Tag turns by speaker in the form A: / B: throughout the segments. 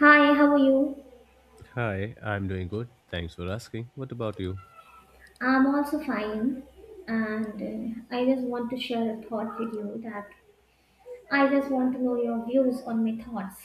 A: Hi, how are you?
B: Hi, I'm doing good. Thanks for asking. What about you?
A: I'm also fine, and I just want to share a thought with you that I just want to know your views on my thoughts.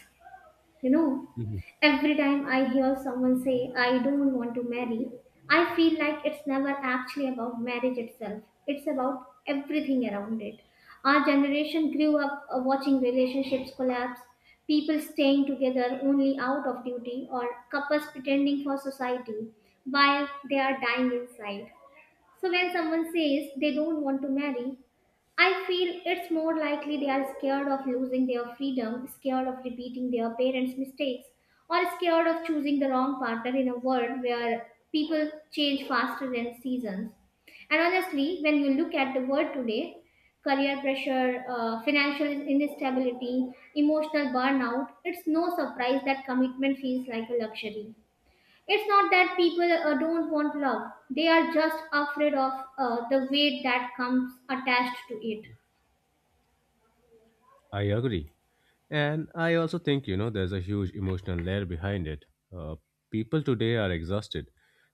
A: You know,
B: Mhm.
A: every time I hear someone say, I don't want to marry, I feel like it's never actually about marriage itself. It's about everything around it. Our generation grew up watching relationships collapse, people staying together only out of duty, or couples pretending for society while they are dying inside. So when someone says they don't want to marry, I feel it's more likely they are scared of losing their freedom, scared of repeating their parents' mistakes, or scared of choosing the wrong partner in a world where people change faster than seasons. And honestly, when you look at the world today, career pressure, financial instability, emotional burnout, it's no surprise that commitment feels like a luxury. It's not that people don't want love, they are just afraid of the weight that comes attached to it.
B: I agree. And I also think, you know, there's a huge emotional layer behind it. Uh, People today are exhausted.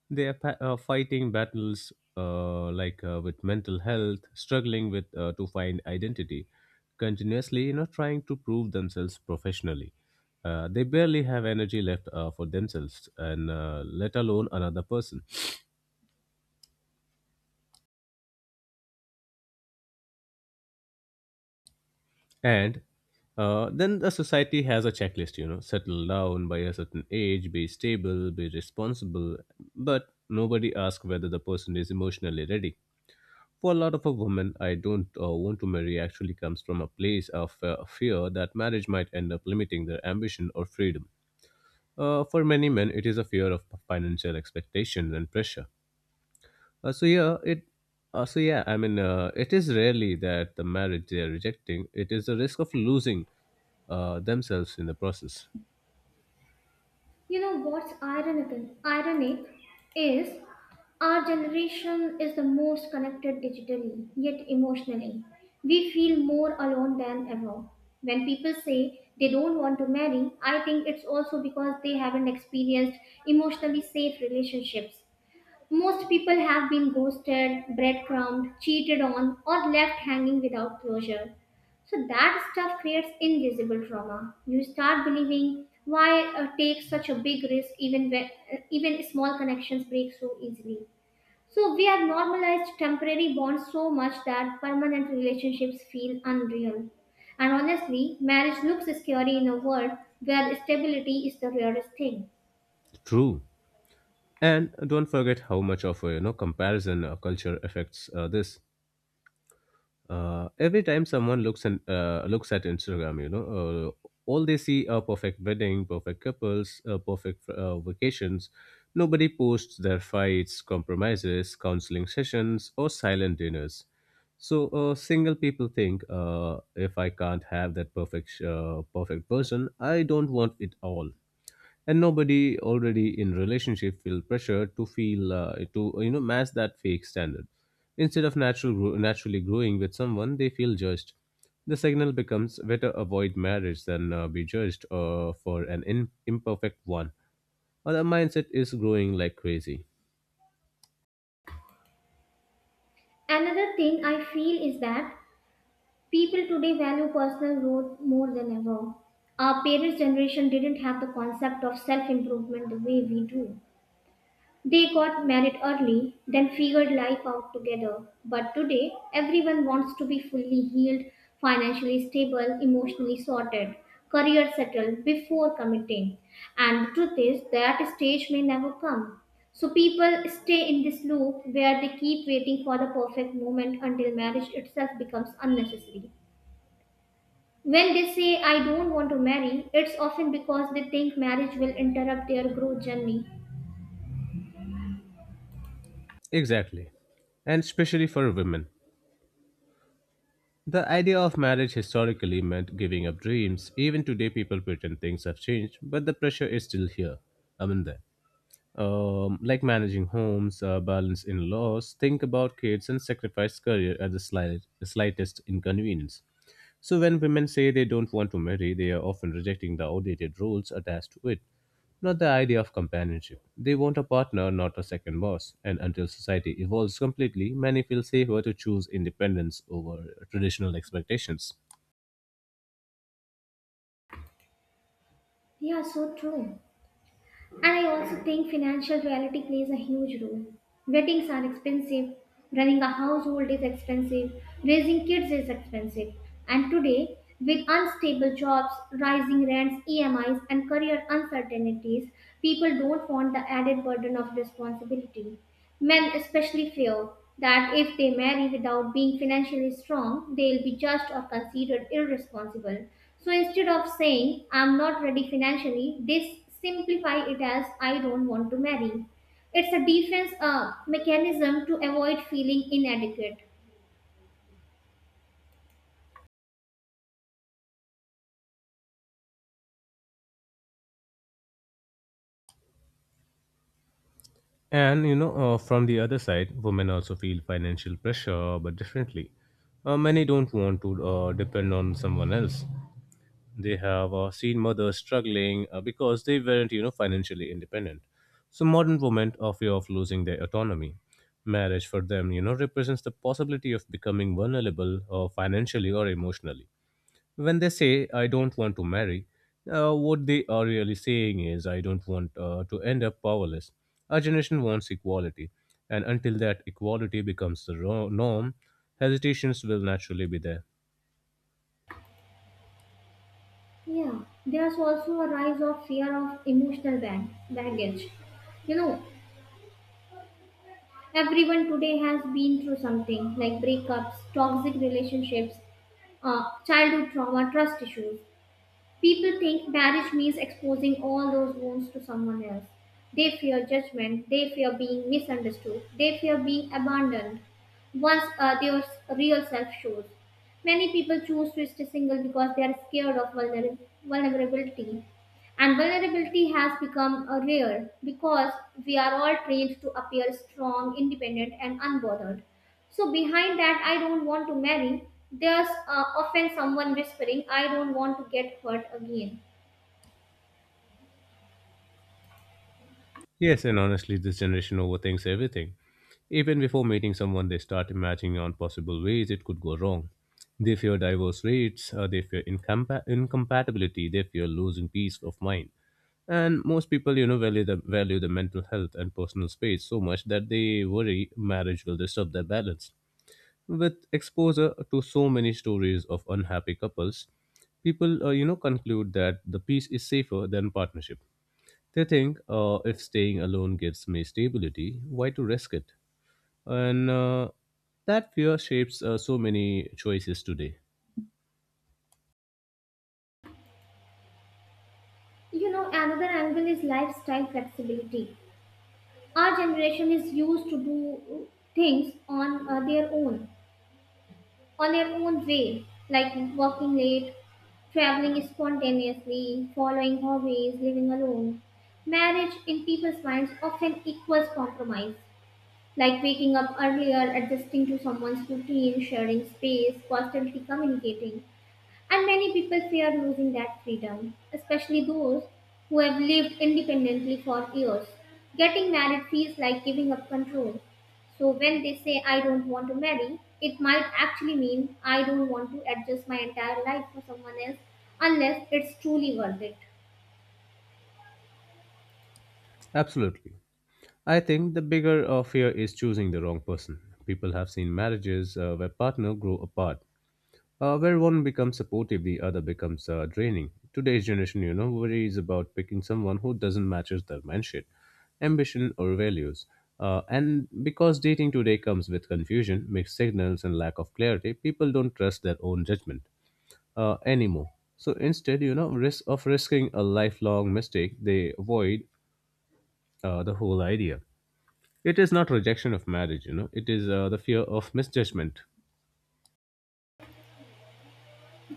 B: They are fighting battles like with mental health, struggling with to find identity, continuously, you know, trying to prove themselves professionally. They barely have energy left for themselves and let alone another person. And then the society has a checklist, you know, settle down by a certain age, be stable, be responsible. But nobody asks whether the person is emotionally ready. For a lot of a women, I don't want to marry actually comes from a place of fear that marriage might end up limiting their ambition or freedom. For many men, it is a fear of financial expectations and pressure. Uh, so yeah, it. So yeah, I mean, it is rarely that the marriage they are rejecting. It is the risk of losing themselves in the process.
A: You know what's ironical? Ironic is our generation is the most connected digitally, yet emotionally. We feel more alone than ever. When people say they don't want to marry, I think it's also because they haven't experienced emotionally safe relationships. Most people have been ghosted, breadcrumbed, cheated on, or left hanging without closure. So that stuff creates invisible trauma. You start believing why take such a big risk even when, even small connections break so easily. So we have normalized temporary bonds so much that permanent relationships feel unreal. And honestly, marriage looks scary in a world where stability is the rarest thing.
B: True, and don't forget how much of you know comparison culture affects this. Every time someone looks at Instagram, you know, all they see are perfect wedding, perfect couples, perfect vacations. Nobody posts their fights, compromises, counseling sessions, or silent dinners. So single people think, if I can't have that perfect person, I don't want it all, and nobody already in relationship feel pressure to feel to you know match that fake standard instead of naturally growing with someone they feel judged. The signal becomes better avoid marriage than be judged for an imperfect one, or the mindset is growing like crazy.
A: Another thing I feel is that people today value personal growth more than ever. Our parents' generation didn't have the concept of self improvement the way we do. They got married early, then figured life out together. But today, everyone wants to be fully healed, financially stable, emotionally sorted, career settled before committing. And the truth is, that stage may never come. So people stay in this loop where they keep waiting for the perfect moment until marriage itself becomes unnecessary. When they say, I don't want to marry, it's often because they think marriage will interrupt their growth journey.
B: Exactly, and especially for women. The idea of marriage historically meant giving up dreams. Even today, people pretend things have changed, but the pressure is still here. Amanda. Like managing homes, balance in laws, think about kids, and sacrifice career at the slightest inconvenience. So, when women say they don't want to marry, they are often rejecting the outdated rules attached to it, not the idea of companionship. They want a partner, not a second boss. And until society evolves completely, many feel safer to choose independence over traditional expectations.
A: Yeah, so true. And I also think financial reality plays a huge role. Weddings are expensive, running a household is expensive, raising kids is expensive. And today, with unstable jobs, rising rents, EMIs, and career uncertainties, people don't want the added burden of responsibility. Men especially feel that if they marry without being financially strong, they'll be judged or considered irresponsible. So instead of saying, I'm not ready financially, they simplify it as, I don't want to marry. It's a defense mechanism to avoid feeling inadequate.
B: And you know, from the other side, women also feel financial pressure, but differently. Many don't want to depend on someone else. They have seen mothers struggling because they weren't, you know, financially independent. So modern women are fear of losing their autonomy. Marriage for them, you know, represents the possibility of becoming vulnerable, financially or emotionally. When they say, I don't want to marry, what they are really saying is, I don't want to end up powerless. Our generation wants equality, and until that equality becomes the norm, hesitations will naturally be there.
A: Yeah, there's also a rise of fear of emotional baggage. You know, everyone today has been through something like breakups, toxic relationships, childhood trauma, trust issues. People think marriage means exposing all those wounds to someone else. They fear judgment, they fear being misunderstood, they fear being abandoned once their real self shows. Many people choose to stay single because they are scared of vulnerability. And vulnerability has become rare because we are all trained to appear strong, independent, and unbothered. So behind that, I don't want to marry. There's often someone whispering, I don't want to get hurt again.
B: Yes, and honestly, this generation overthinks everything. Even before meeting someone, they start imagining on possible ways it could go wrong. They fear divorce rates, they fear incompatibility, they fear losing peace of mind. And most people, you know, value the mental health and personal space so much that they worry marriage will disturb their balance. With exposure to so many stories of unhappy couples, people, you know, conclude that the peace is safer than partnership. They think if staying alone gives me stability, why to risk it? And that fear shapes so many choices today.
A: You know, another angle is lifestyle flexibility. Our generation is used to do things on their own, on their own way, like working late, traveling spontaneously, following hobbies, living alone. Marriage in people's minds often equals compromise, like waking up earlier, adjusting to someone's routine, sharing space, constantly communicating. And many people fear losing that freedom, especially those who have lived independently for years. Getting married feels like giving up control. So when they say, I don't want to marry, it might actually mean I don't want to adjust my entire life for someone else unless it's truly worth it.
B: Absolutely. I think the bigger fear is choosing the wrong person. People have seen marriages where partners grow apart, where one becomes supportive, the other becomes draining. Today's generation, you know, worries about picking someone who doesn't matches their mindset, ambition, or values. And because dating today comes with confusion, mixed signals, and lack of clarity, people don't trust their own judgment anymore. So instead, you know, risking a lifelong mistake, they avoid the whole idea. It is not rejection of marriage, you know, it is the fear of misjudgment.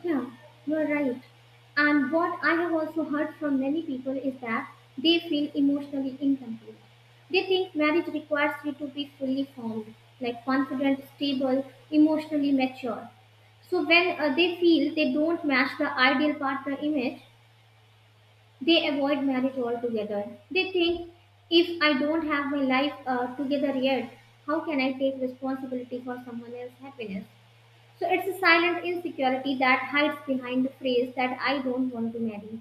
A: Yeah, you're right. And what I have also heard from many people is that they feel emotionally incomplete. They think marriage requires you to be fully formed, like confident, stable, emotionally mature. So when they feel they don't match the ideal partner image, they avoid marriage altogether. They think if I don't have my life together yet, how can I take responsibility for someone else's happiness? So it's a silent insecurity that hides behind the phrase that I don't want to marry.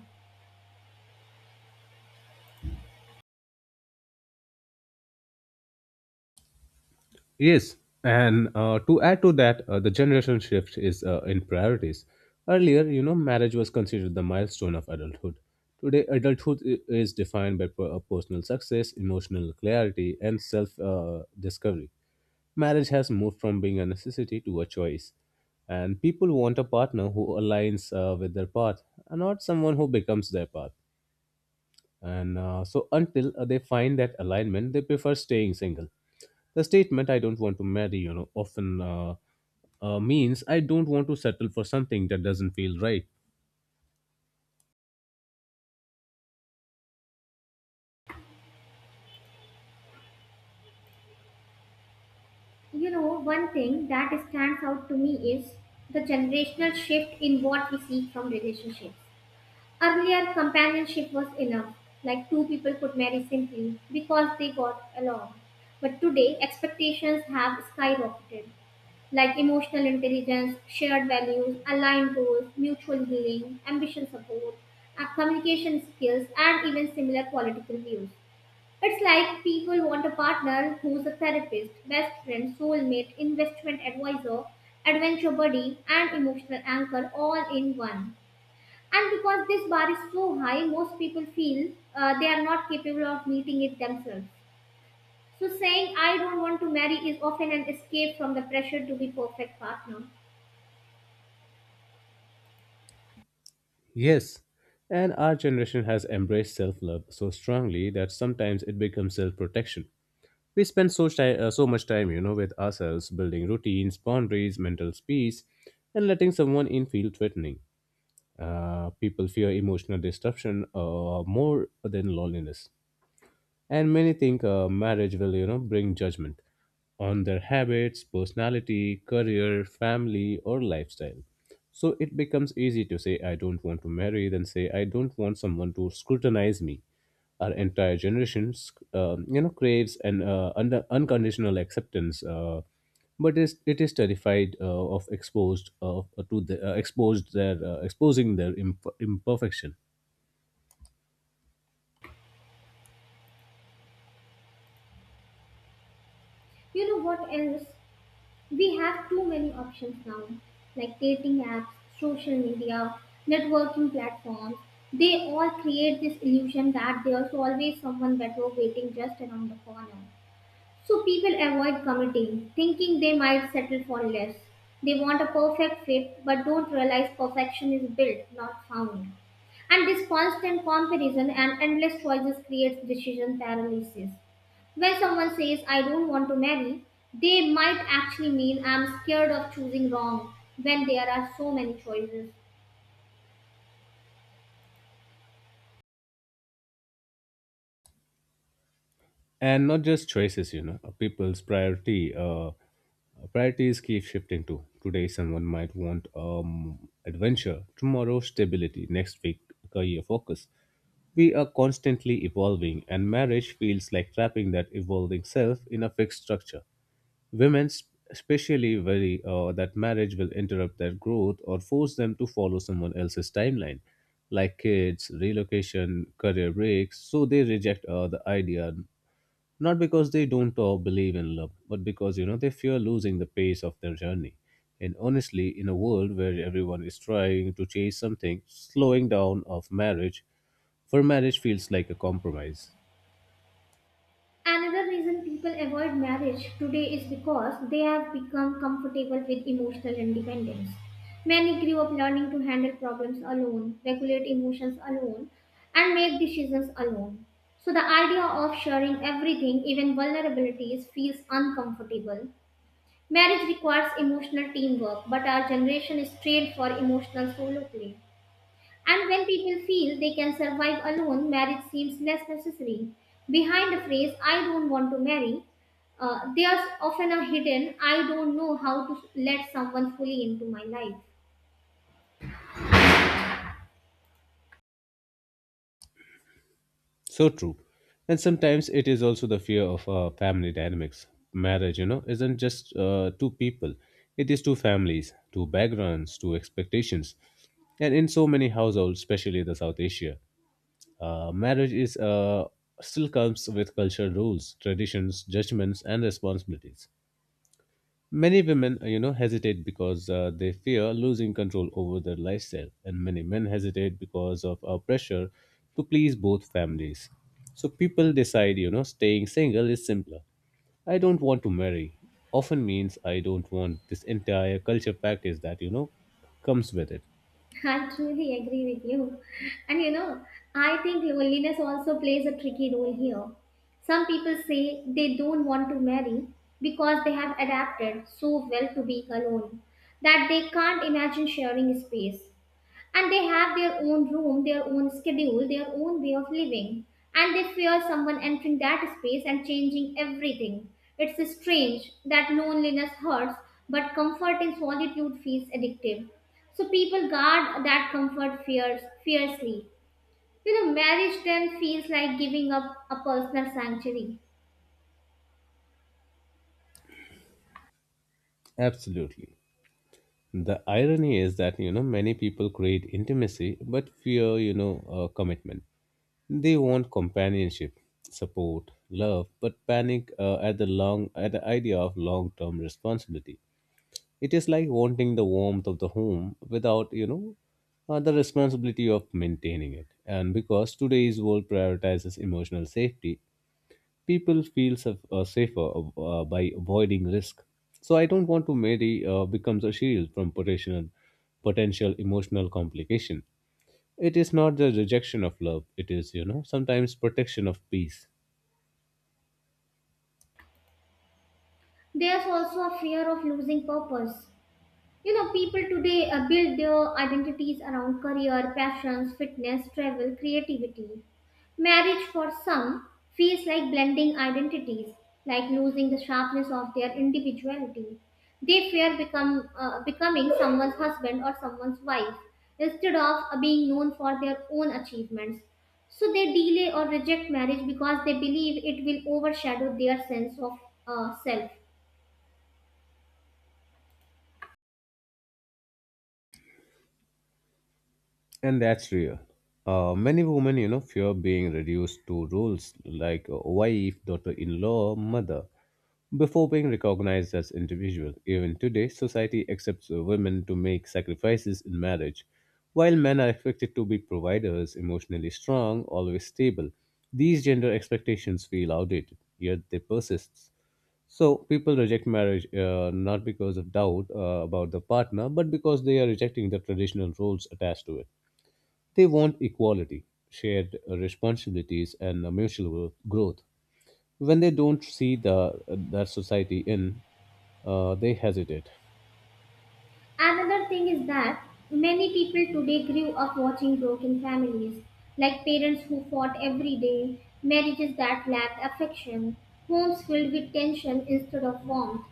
B: Yes, and to add to that, the generation shift is in priorities. Earlier, you know, marriage was considered the milestone of adulthood. Today, adulthood is defined by personal success, emotional clarity, and self discovery. Marriage has moved from being a necessity to a choice. And people want a partner who aligns with their path, and not someone who becomes their path. And so until they find that alignment, they prefer staying single. The statement "I don't want to marry," you know, often means I don't want to settle for something that doesn't feel right.
A: You know, one thing that stands out to me is the generational shift in what we seek from relationships. Earlier, companionship was enough, like two people could marry simply because they got along. But today, expectations have skyrocketed, like emotional intelligence, shared values, aligned goals, mutual healing, ambition support, communication skills, and even similar political views. It's like people want a partner who's a therapist, best friend, soulmate, investment advisor, adventure buddy, and emotional anchor all in one. And because this bar is so high, most people feel they are not capable of meeting it themselves. So saying I don't want to marry is often an escape from the pressure to be perfect partner.
B: Yes, and our generation has embraced self-love so strongly that sometimes it becomes self-protection. We spend so much time, you know, with ourselves, building routines, boundaries, mental peace, and letting someone in feel threatening. People fear emotional disruption more than loneliness. And many think marriage will, you know, bring judgment on their habits, personality, career, family, or lifestyle. So it becomes easy to say, I don't want to marry, than say, I don't want someone to scrutinize me. Our entire generation, you know, craves an unconditional acceptance, it is terrified of exposed to the, exposed their exposing their imperfection.
A: You know what else? We have too many options now, like dating apps, social media, networking platforms. They all create this illusion that there's always someone better waiting just around the corner. So people avoid committing, thinking they might settle for less. They want a perfect fit but don't realize perfection is built, not found. And this constant comparison and endless choices creates decision paralysis. When someone says, I don't want to marry, they might actually mean I'm scared of choosing wrong when there are so many choices.
B: And not just choices, you know, people's priority priorities keep shifting too. Today someone might want adventure, tomorrow stability, next week career focus. We are constantly evolving, and marriage feels like trapping that evolving self in a fixed structure. Women especially worry that marriage will interrupt their growth or force them to follow someone else's timeline, like kids, relocation, career breaks. So they reject the idea, not because they don't believe in love, but because, you know, they fear losing the pace of their journey. And honestly, in a world where everyone is trying to chase something, slowing down of marriage for marriage feels like a compromise.
A: Another reason people avoid marriage today is because they have become comfortable with emotional independence. Many grew up learning to handle problems alone, regulate emotions alone, and make decisions alone. So the idea of sharing everything, even vulnerabilities, feels uncomfortable. Marriage requires emotional teamwork, but our generation is trained for emotional solo play. And when people feel they can survive alone, marriage seems less necessary. Behind the phrase, I don't want to marry, there's often a hidden, I don't know how to let someone fully into my life.
B: So true, and sometimes it is also the fear of family dynamics. Marriage, you know, isn't just two people. It is two families, two backgrounds, two expectations. And in so many households, especially the south asia, marriage is still comes with cultural rules, traditions, judgments, and responsibilities. Many women, you know, hesitate because they fear losing control over their lifestyle, and many men hesitate because of our pressure to please both families. So people decide, you know, staying single is simpler. I don't want to marry often means I don't want this entire culture practice that, you know, comes with it.
A: I truly agree with you. And you know, I think loneliness also plays a tricky role here. Some people say they don't want to marry because they have adapted so well to being alone that they can't imagine sharing space. And they have their own room, their own schedule, their own way of living, and they fear someone entering that space and changing everything. It's strange that loneliness hurts, but comfort in solitude feels addictive. So people guard that comfort fears fiercely. You know, marriage then feels like giving up a personal sanctuary.
B: Absolutely. The irony is that, you know, many people create intimacy but fear, you know, commitment. They want companionship, support, love, but panic at the idea of long-term responsibility. It is like wanting the warmth of the home without, you know, the responsibility of maintaining it. And because today's world prioritizes emotional safety, people feel safer by avoiding risk. So I don't want to marry becomes a shield from potential emotional complication. It is not the rejection of love. It is, you know, sometimes protection of peace.
A: There's also a fear of losing purpose. You know, people today build their identities around career, passions, fitness, travel, creativity. Marriage for some feels like blending identities, like losing the sharpness of their individuality. They fear become becoming someone's husband or someone's wife instead of being known for their own achievements. So they delay or reject marriage because they believe it will overshadow their sense of self.
B: And that's real. Many women, you know, fear being reduced to roles like wife, daughter-in-law, mother, before being recognized as individual. Even today, society accepts women to make sacrifices in marriage, while men are expected to be providers, emotionally strong, always stable. These gender expectations feel outdated, yet they persist. So people reject marriage not because of doubt about the partner, but because they are rejecting the traditional roles attached to it. They want equality, shared responsibilities, and mutual growth. When they don't see the that society in, they hesitate.
A: Another thing is that many people today grew up watching broken families, like parents who fought every day, marriages that lacked affection, homes filled with tension instead of warmth.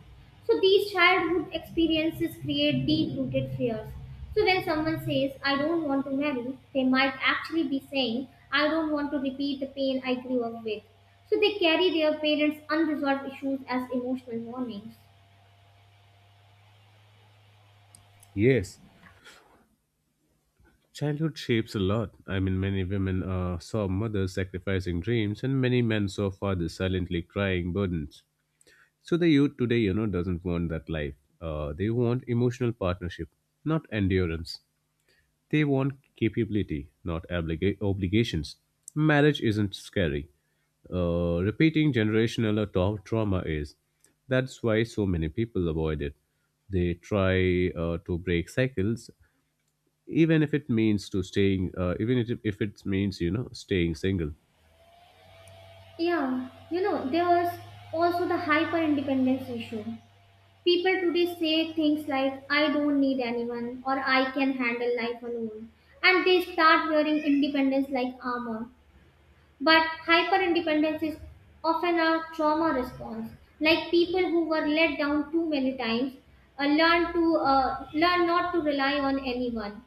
A: So these childhood experiences create deep rooted fears. So when someone says, I don't want to marry, they might actually be saying, I don't want to repeat the pain I grew up with. So they carry their parents' unresolved issues as emotional warnings.
B: Yes, childhood shapes a lot. I mean, many women saw mothers sacrificing dreams, and many men saw fathers silently crying burdens. So the youth today, you know, doesn't want that life. They want emotional partnership, not endurance. They want capability, not obligations. Marriage isn't scary. Repeating generational trauma is. That's why so many people avoid it. They try to break cycles, even if it means, you know, staying single.
A: Yeah, you know, there was also the hyper independence issue. People today say things like, I don't need anyone or I can handle life alone. And they start wearing independence like armor. But hyperindependence is often a trauma response. Like people who were let down too many times learn not to rely on anyone.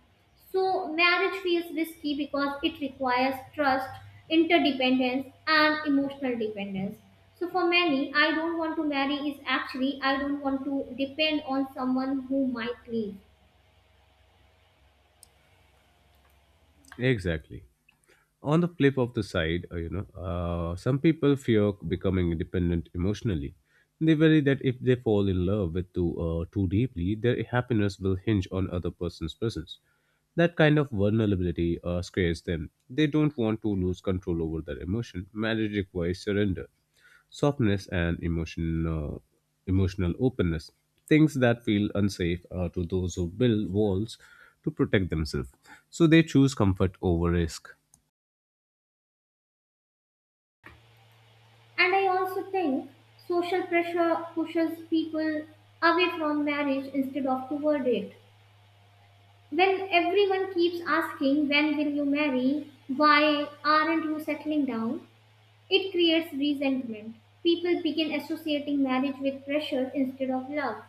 A: So marriage feels risky because it requires trust, interdependence, and emotional dependence. So for many, I don't want to marry is actually I don't want to depend on someone who might leave.
B: Exactly. On the flip of the side, some people fear becoming independent emotionally. They worry that if they fall in love with too deeply, their happiness will hinge on other person's presence. That kind of vulnerability scares them. They don't want to lose control over their emotion. Marriage requires surrender, softness and emotion, emotional openness, things that feel unsafe are to those who build walls to protect themselves. So they choose comfort over risk.
A: And I also think social pressure pushes people away from marriage instead of toward it. When everyone keeps asking, when will you marry? Why aren't you settling down? It creates resentment. People begin associating marriage with pressure instead of love.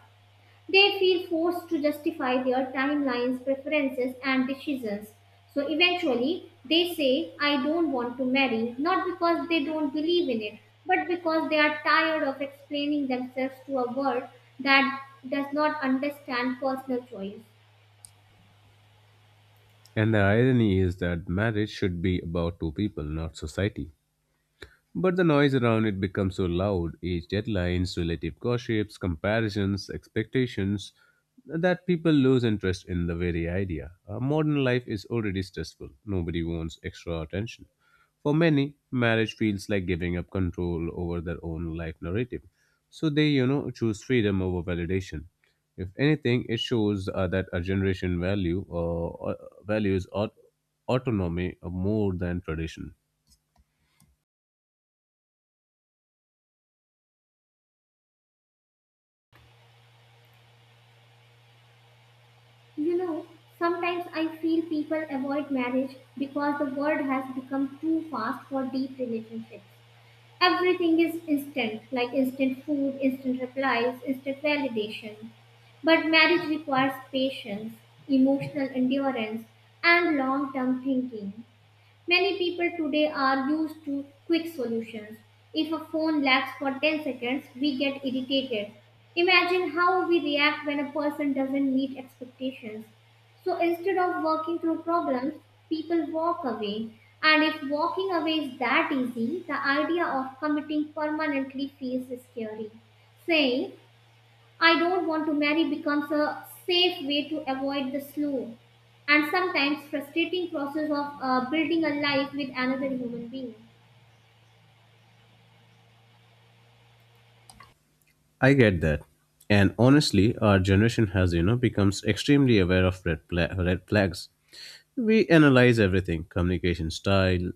A: They feel forced to justify their timelines, preferences, and decisions. So eventually, they say, I don't want to marry, not because they don't believe in it, but because they are tired of explaining themselves to a world that does not understand personal choice.
B: And the irony is that marriage should be about two people, not society. But the noise around it becomes so loud: age deadlines, relative gossips, comparisons, expectations, that people lose interest in the very idea. Modern life is already stressful, nobody wants extra attention. For many, marriage feels like giving up control over their own life narrative. So they, you know, choose freedom over validation. If anything, it shows that our generation values aut- autonomy more than tradition.
A: You know, sometimes I feel people avoid marriage because the world has become too fast for deep relationships. Everything is instant, like instant food, instant replies, instant validation. But marriage requires patience, emotional endurance, and long term thinking. Many people today are used to quick solutions. If a phone lags for 10 seconds, we get irritated. Imagine how we react when a person doesn't meet expectations. So instead of working through problems, people walk away. And if walking away is that easy, the idea of committing permanently feels scary. Saying, I don't want to marry becomes a safe way to avoid the slow and sometimes frustrating process of building a life with another human being.
B: I get that. And honestly, our generation has, you know, becomes extremely aware of red flags. We analyze everything: communication style,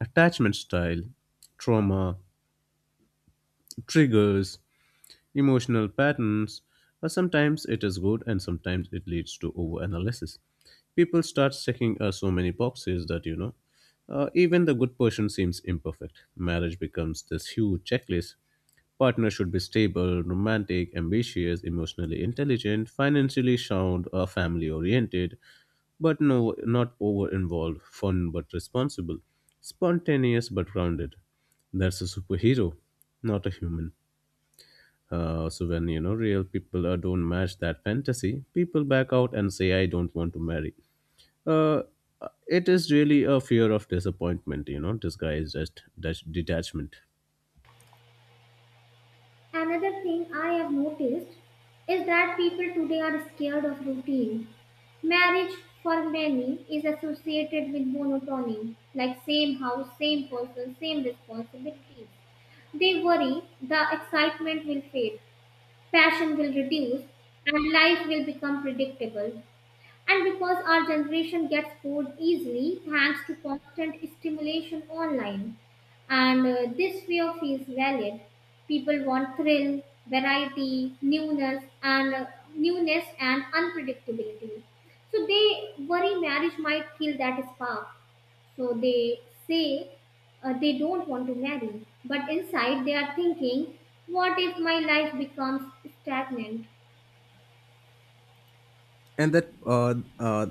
B: attachment style, trauma, triggers, emotional patterns. But sometimes it is good and sometimes it leads to overanalysis. People start checking so many boxes that, you know, even the good person seems imperfect. Marriage becomes this huge checklist. Partner should be stable, romantic, ambitious, emotionally intelligent, financially sound, or family oriented, but no, not over involved, fun but responsible, spontaneous but grounded. That's a superhero, not a human. So when you know real people don't match that fantasy, people back out and say, "I don't want to marry." Uh, it is really a fear of disappointment, you know, disguised as detachment.
A: Another thing I have noticed is that people today are scared of routine. Marriage for many is associated with monotony, like same house, same person, same responsibilities. They worry the excitement will fade, passion will reduce, and life will become predictable. And because our generation gets bored easily thanks to constant stimulation online, and this fear feels valid. People want thrill, variety, newness and unpredictability. So they worry marriage might kill that spark. So they say they don't want to marry, but inside they are thinking, what if my life becomes stagnant?
B: and that uh, uh,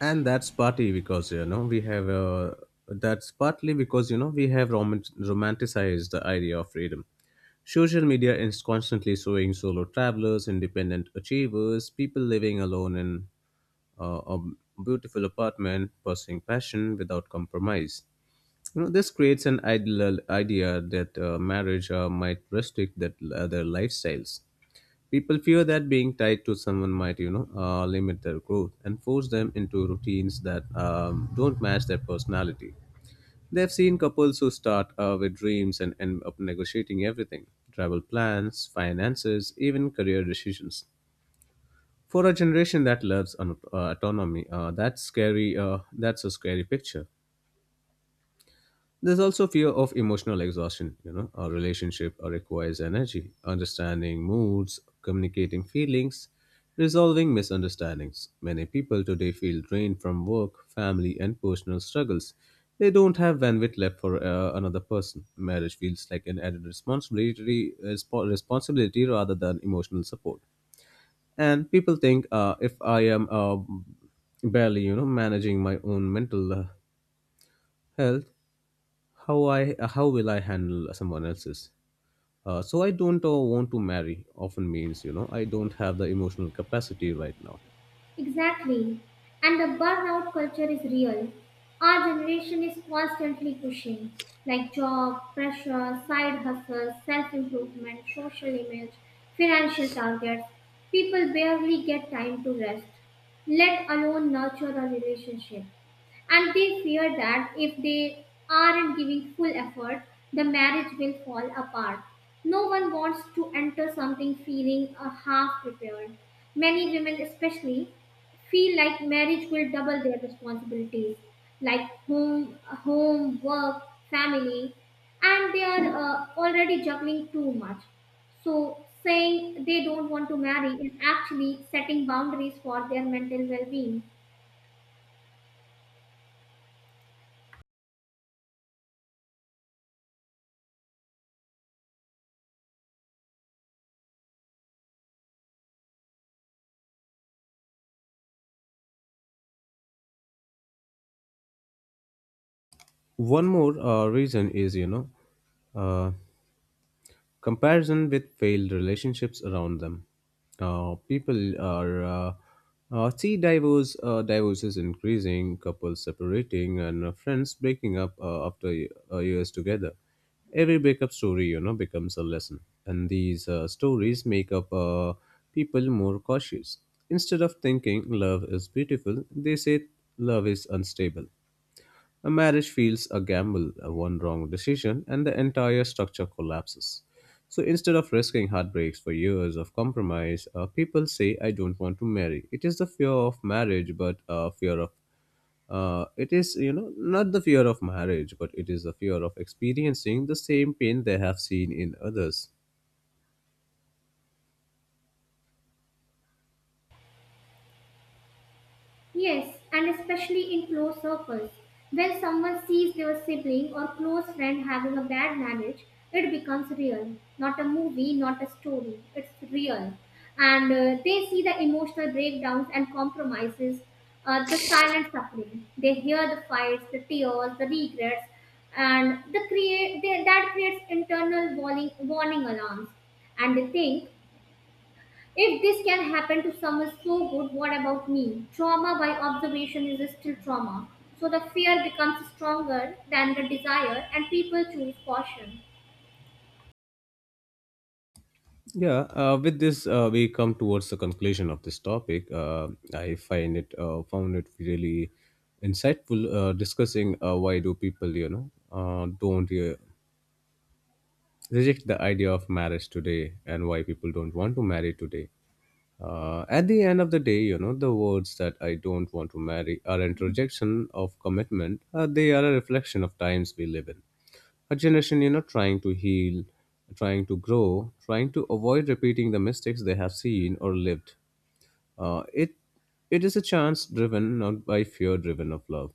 B: and that's partly because you know we have that's partly because you know we have romanticized the idea of freedom. Social media is constantly showing solo travelers, independent achievers, people living alone in a beautiful apartment pursuing passion without compromise. You know, this creates an ideal idea that marriage might restrict that their lifestyles. People fear that being tied to someone might, you know, limit their growth and force them into routines that don't match their personality. They've seen couples who start with dreams and end up negotiating everything: travel plans, finances, even career decisions. For a generation that loves autonomy, that's scary. That's a scary picture. There's also fear of emotional exhaustion. You know, our relationship requires energy, understanding moods, communicating feelings, resolving misunderstandings. Many people today feel drained from work, family, and personal struggles. They don't have bandwidth left for another person. Marriage feels like an added responsibility rather than emotional support. And people think, if I am barely, you know, managing my own mental health, how will I handle someone else's. So I don't want to marry often means you know I don't have the emotional capacity right now.
A: Exactly. And the burnout culture is real. Our generation is constantly pushing, like job, pressure, side hustles, self improvement, social image, financial targets. People barely get time to rest, let alone nurture a relationship. And they fear that if they aren't giving full effort, the marriage will fall apart. No one wants to enter something feeling half prepared. Many women, especially, feel like marriage will double their responsibilities like home home work family, and they are already juggling too much, so saying they don't want to marry is actually setting boundaries for their mental well-being.
B: One more reason is, you know, uh, comparison with failed relationships around them. People are see divorces increasing, couples separating, and friends breaking up after years together. Every breakup story, you know, becomes a lesson, and these stories make up people more cautious. Instead of thinking love is beautiful, they say love is unstable. A marriage feels a gamble, a one wrong decision, and the entire structure collapses. So instead of risking heartbreaks for years of compromise, people say, "I don't want to marry." It is the fear of marriage, but fear of it is, you know, not the fear of marriage, but it is the fear of experiencing the same pain they have seen in others.
A: Yes, and especially in close circles. When someone sees their sibling or close friend having a bad marriage, it becomes real. Not a movie, not a story. It's real. And they see the emotional breakdowns and compromises, the silent suffering. They hear the fights, the tears, the regrets, and that creates internal warning alarms. And they think if this can happen to someone so good, what about me? Trauma by observation is still trauma. So the fear becomes stronger than the desire, and people choose caution.
B: Yeah, with this, we come towards the conclusion of this topic. I find it, found it really insightful discussing why do people, you know, don't reject the idea of marriage today and why people don't want to marry today. At the end of the day, you know, the words that I don't want to marry are an rejection of commitment. They are a reflection of times we live in. A generation, you know, trying to heal, trying to grow, trying to avoid repeating the mistakes they have seen or lived. It it is a chance driven not by fear driven of love,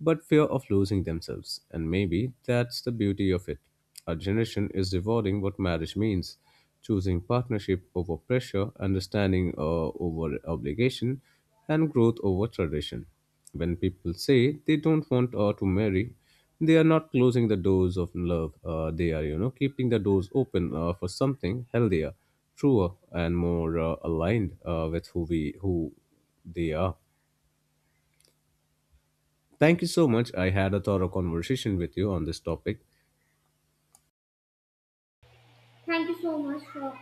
B: but fear of losing themselves. And maybe that's the beauty of it. Our generation is rewarding what marriage means, choosing partnership over pressure, understanding over obligation, and growth over tradition. When people say they don't want to marry, they are not closing the doors of love. They are, you know, keeping the doors open for something healthier, truer, and more aligned with who they are. Thank you so much. I had a thorough conversation with you on this topic.
A: Thank you so much for